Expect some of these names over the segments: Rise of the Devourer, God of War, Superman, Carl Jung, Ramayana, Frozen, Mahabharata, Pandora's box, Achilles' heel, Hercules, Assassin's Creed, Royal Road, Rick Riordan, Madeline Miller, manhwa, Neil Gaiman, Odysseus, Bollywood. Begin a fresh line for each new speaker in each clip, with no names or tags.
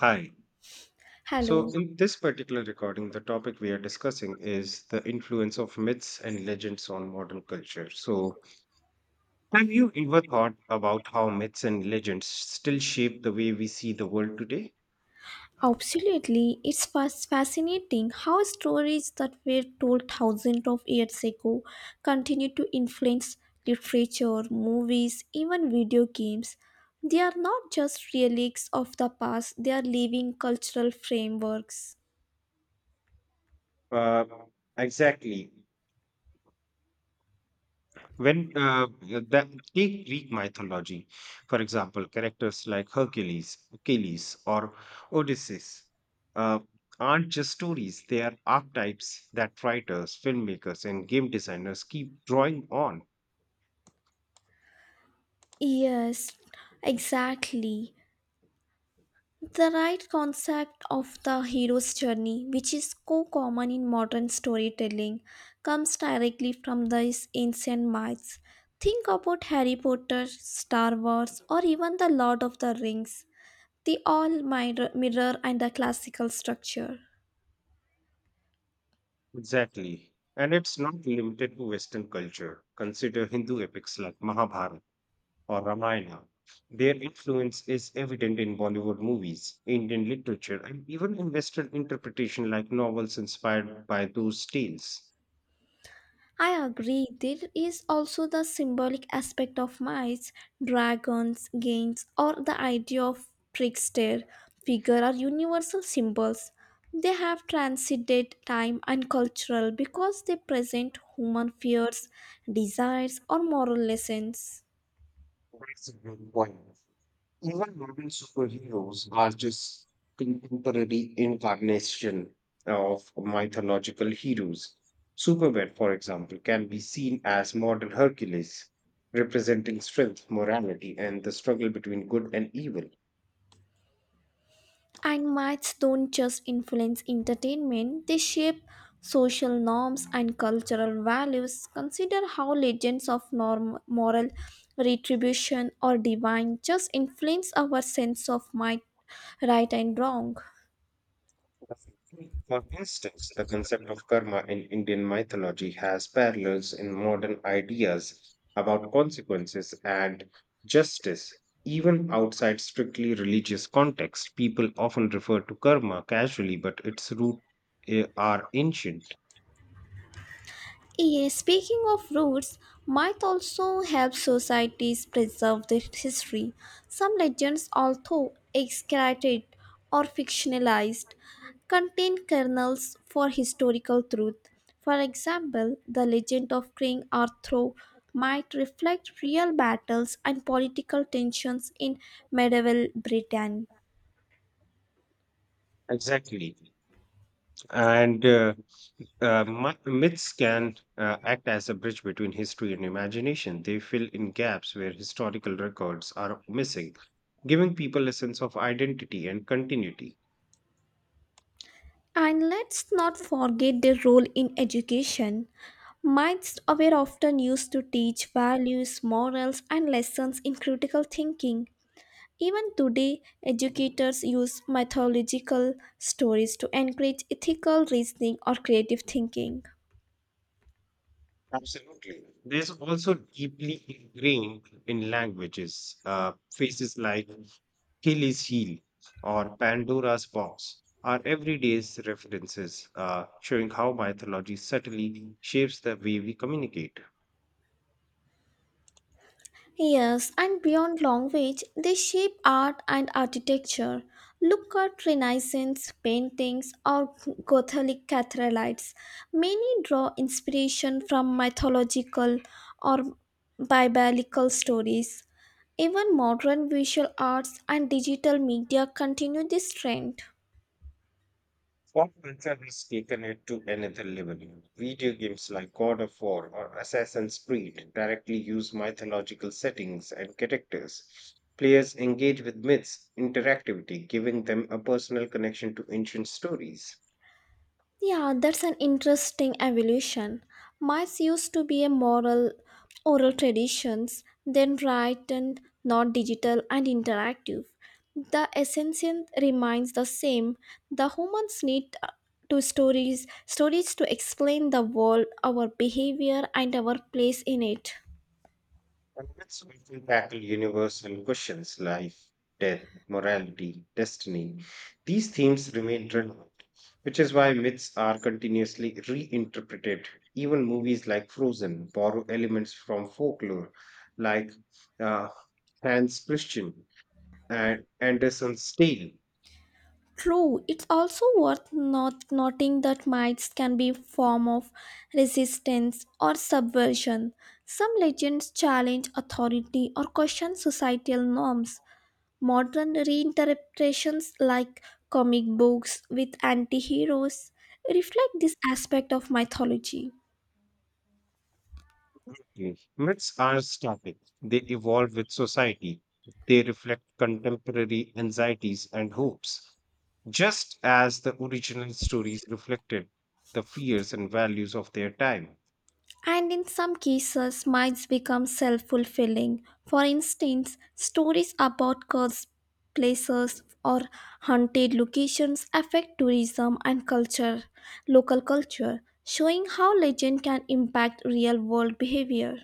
Hi.
Hello.
So,
So,
in this particular recording, the topic we are discussing is the influence of myths and legends on modern culture. So, have you ever thought about how myths and legends still shape the way we see the world today?
absolutely. It's fascinating how stories that were told thousands of years ago continue to influence literature, movies, even video games. They are not just relics of the past, they are living cultural frameworks.
Uh, exactly. When take Greek mythology, for example, characters like Hercules, Achilles, or Odysseus uh, aren't just stories, they are archetypes that writers, filmmakers, and game designers keep drawing on.
Yes, exactly. The right concept of the hero's journey, which is so common in modern storytelling, comes directly from these ancient myths. Think about Harry Potter, Star Wars, or even The Lord of the Rings. They all mirror and the classical structure.
Exactly. And it's not limited to Western culture. Consider Hindu epics like Mahabharata or Ramayana. Their influence is evident in Bollywood movies, Indian literature, and even in Western interpretation like novels inspired by those tales.
I agree. There is also the symbolic aspect of mice, dragons, games, or the idea of trickster figure are universal symbols. They have transcended time and cultural because they present human fears, desires, or moral lessons.
That's a good point. Even modern superheroes are just contemporary incarnation of mythological heroes. Superman, for example, can be seen as modern Hercules, representing strength, morality, and the struggle between good and evil.
And myths don't just influence entertainment, they shape social norms and cultural values. Consider how legends of moral retribution or divine just influence our sense of might, right and wrong.
For instance, the concept of karma in Indian mythology has parallels in modern ideas about consequences and justice. Even outside strictly religious context, people often refer to karma casually, but its roots are ancient.
Yeah, speaking of roots, myth also helps societies preserve their history. Some legends, although exaggerated or fictionalized, contain kernels for historical truth. For example, the legend of King Arthur might reflect real battles and political tensions in medieval Britain.
Exactly. And myths can act as a bridge between history and imagination. They fill in gaps where historical records are missing, giving people a sense of identity and continuity.
And let's not forget their role in education. Myths were often used to teach values, morals, and lessons in critical thinking. Even today, educators use mythological stories to encourage ethical reasoning or creative thinking.
Absolutely. There's also deeply ingrained in languages. Phrases like Achilles' heel or Pandora's box are everyday's references, showing how mythology subtly shapes the way we communicate.
Yes, and beyond language, they shape art and architecture. Look at Renaissance paintings or Gothic cathedrals. Many draw inspiration from mythological or biblical stories. Even modern visual arts and digital media continue this trend.
Pop culture has taken it to another level. Video games like God of War or Assassin's Creed directly use mythological settings and characters. Players engage with myths, interactivity, giving them a personal connection to ancient stories.
Yeah, that's an interesting evolution. Mice used to be a moral oral traditions, then written, not digital and interactive. The essence remains the same. The humans need to stories, to explain the world, our behavior and our place in it.
And that's why we tackle universal questions life, death, morality, destiny. These themes remain relevant, which is why myths are continuously reinterpreted. Even movies like Frozen borrow elements from folklore, like uh, Hans Christian and Anderson's Tale.
True, it's also worth not noting that mites can be a form of resistance or subversion. Some legends challenge authority or question societal norms. Modern reinterpretations like comic books with anti-heroes reflect this aspect of mythology.
Mm. Myths are static, they evolve with society, they reflect contemporary anxieties and hopes, just as the original stories reflected the fears and values of their time.
And in some cases, myths become self fulfilling. For instance, stories about cursed places or haunted locations affect tourism and culture, local culture, showing how legend can impact real world behavior.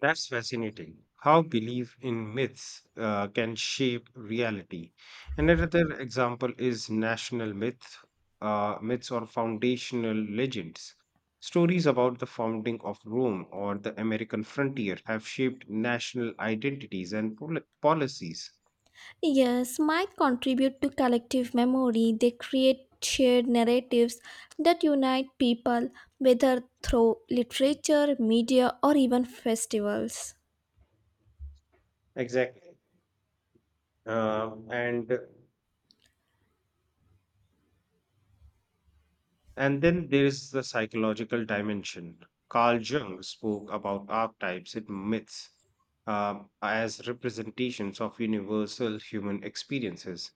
That's fascinating. How belief in myths can shape reality. Another example is national myth, myths or foundational legends. Stories about the founding of Rome or the American frontier have shaped national identities and policies.
Yes, might contribute to collective memory. They create shared narratives that unite people, whether through literature, media, or even festivals.
Exactly. Uh, and And then there is the psychological dimension. Carl Jung spoke about archetypes and myths as representations of universal human experiences.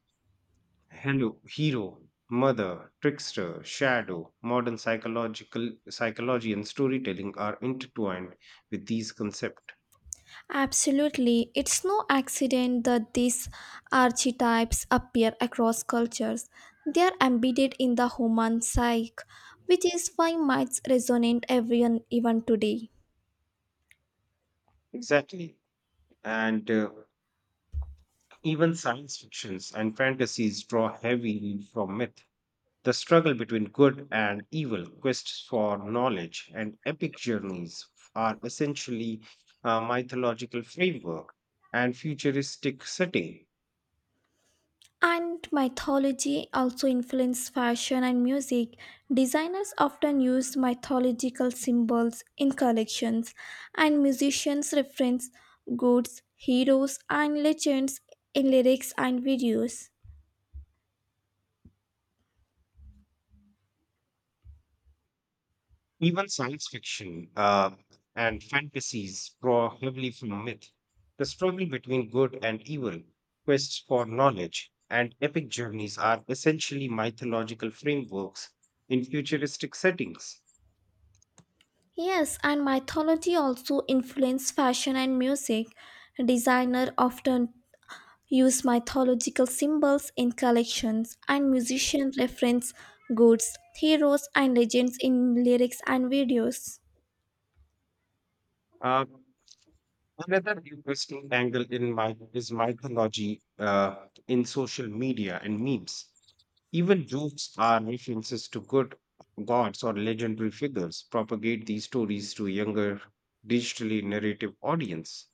Hello, hero, mother, trickster, shadow, modern psychological psychology and storytelling are intertwined with these concepts.
Absolutely. It's no accident that these archetypes appear across cultures. They are embedded in the human psyche, which is why myths resonate everyone even today.
Exactly. And Even science fictions and fantasies draw heavily from myth. The struggle between good and evil, quests for knowledge, and epic journeys are essentially a mythological framework and futuristic setting.
And mythology also influenced fashion and music. Designers often use mythological symbols in collections, and musicians reference gods, heroes, and legends in lyrics and videos.
Even science fiction and fantasies draw heavily from myth. The struggle between good and evil, quests for knowledge, and epic journeys are essentially mythological frameworks in futuristic settings.
Yes, and mythology also influenced fashion and music. Designers often use mythological symbols in collections, and musicians reference goods, heroes, and legends in lyrics and videos.
Uh, Another interesting angle in my is mythology in social media and memes. Even jokes are references to good gods or legendary figures propagate these stories to a younger digitally narrative audience.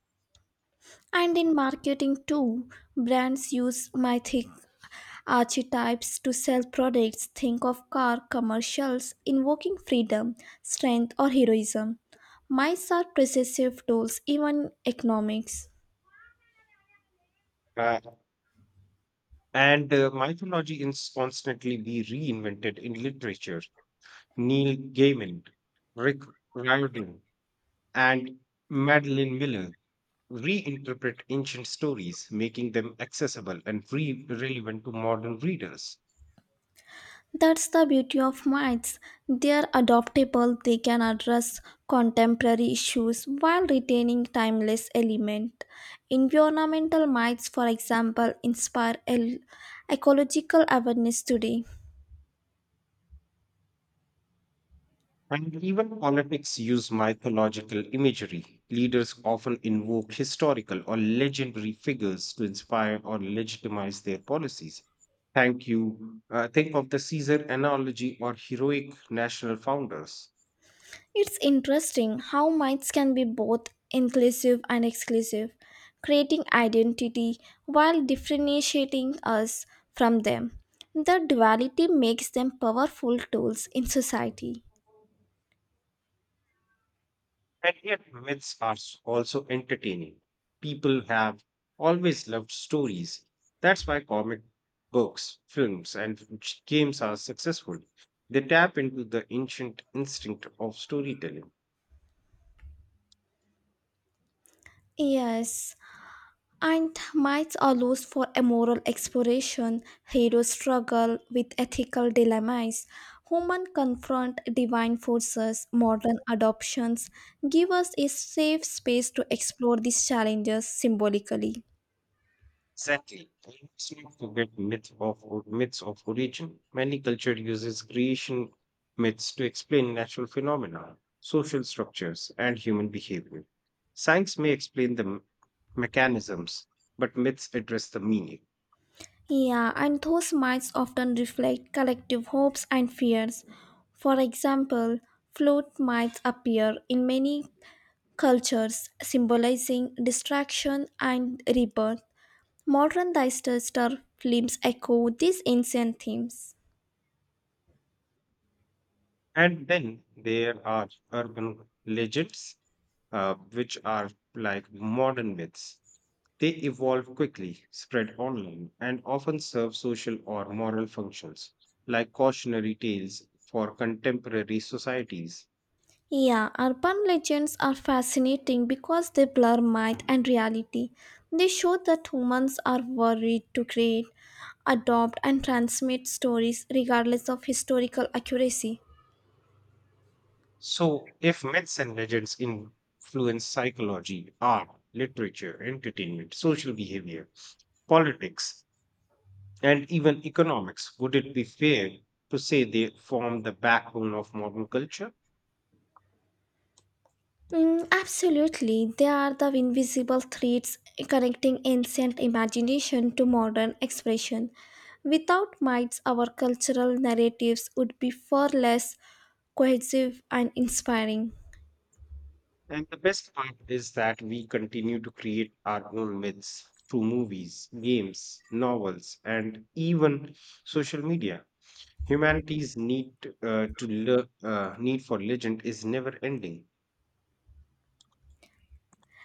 And in marketing, too, brands use mythic archetypes to sell products. Think of car commercials invoking freedom, strength, or heroism. Myths are possessive tools, even economics.
Uh, and Mythology is constantly be reinvented in literature. Neil Gaiman, Rick Riordan, and Madeline Miller reinterpret ancient stories, making them accessible and relevant to modern readers.
That's the beauty of mites. They're adaptable, they can address contemporary issues while retaining timeless element. Environmental mites, for example, inspire ecological awareness today.
And even politics use mythological imagery. Leaders often invoke historical or legendary figures to inspire or legitimize their policies. Thank you. Think of the Caesar analogy or heroic national founders.
It's interesting how mites can be both inclusive and exclusive, creating identity while differentiating us from them. The duality makes them powerful tools in society.
And yet, myths are also entertaining. People have always loved stories. That's why comic books, films, and games are successful. They tap into the ancient instinct of storytelling.
Yes, and myths are lost for immoral exploration. Heroes struggle with ethical dilemmas. Human confront divine forces. Modern adoptions give us a safe space to explore these challenges symbolically.
Exactly. And let's not forget myths of origin. Many culture uses creation myths to explain natural phenomena, social structures, and human behavior. Science may explain the mechanisms, but myths address the meaning.
Yeah, and those myths often reflect collective hopes and fears. For example, float mites appear in many cultures, symbolizing destruction and rebirth. Modern disaster films echo these ancient themes.
And then there are urban legends, which are like modern myths. They evolve quickly, spread online, and often serve social or moral functions, like cautionary tales for contemporary societies.
Yeah, urban legends are fascinating because they blur myth and reality. They show that humans are worried to create, adopt, and transmit stories regardless of historical accuracy.
So, if myths and legends influence psychology, art, literature, entertainment, social behavior, politics, and even economics, would it be fair to say they form the backbone of modern culture?
Mm, absolutely, they are the invisible threads connecting ancient imagination to modern expression. Without mites, our cultural narratives would be far less cohesive and inspiring.
And the best part is that we continue to create our own myths through movies, games, novels, and even social media. Humanity's need for legend is never ending.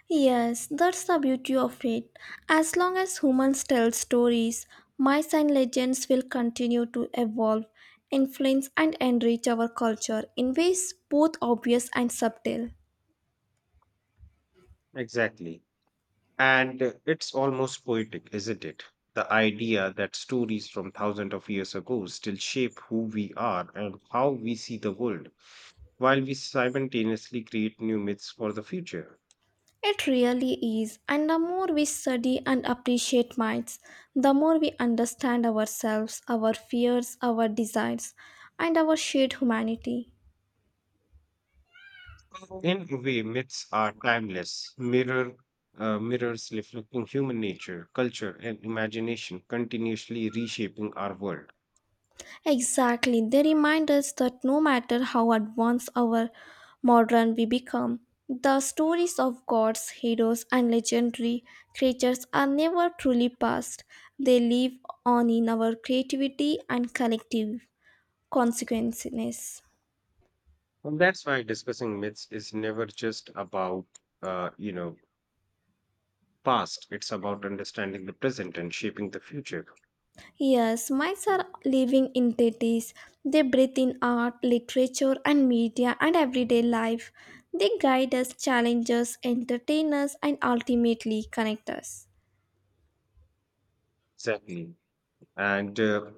Yes, that's the beauty of it. As long as humans tell stories, myths and legends will continue to evolve, influence, and enrich our culture in ways both obvious and subtle.
Exactly. And It's almost poetic, isn't it? The idea that stories from thousands of years ago still shape who we are and how we see the world, while we simultaneously create new myths for the future.
It really is, and the more we study and appreciate myths, the more we understand ourselves, our fears, our desires, and our shared humanity.
In a way, myths are timeless, mirrors reflecting human nature, culture, and imagination, continuously reshaping our world.
Exactly, they remind us that no matter how advanced our modern we become, the stories of gods, heroes, and legendary creatures are never truly past. They live on in our creativity and collective consequences.
And that's why discussing myths is never just about you know past. It's about understanding the present and shaping the future.
Yes, mites are living entities. They breathe in art, literature, and media and everyday life. They guide us, challenge us, entertain us, and ultimately connect us.
Exactly. And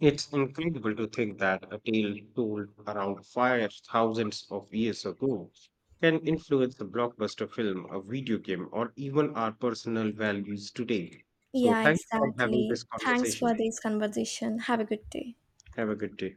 It's incredible to think that a tale told around five thousands of years ago can influence a blockbuster film, a video game, or even our personal values today. So,
Yeah,
thank you for having this
exactly. Thanks
conversation.
for this conversation. Have a good day.
Have a good day.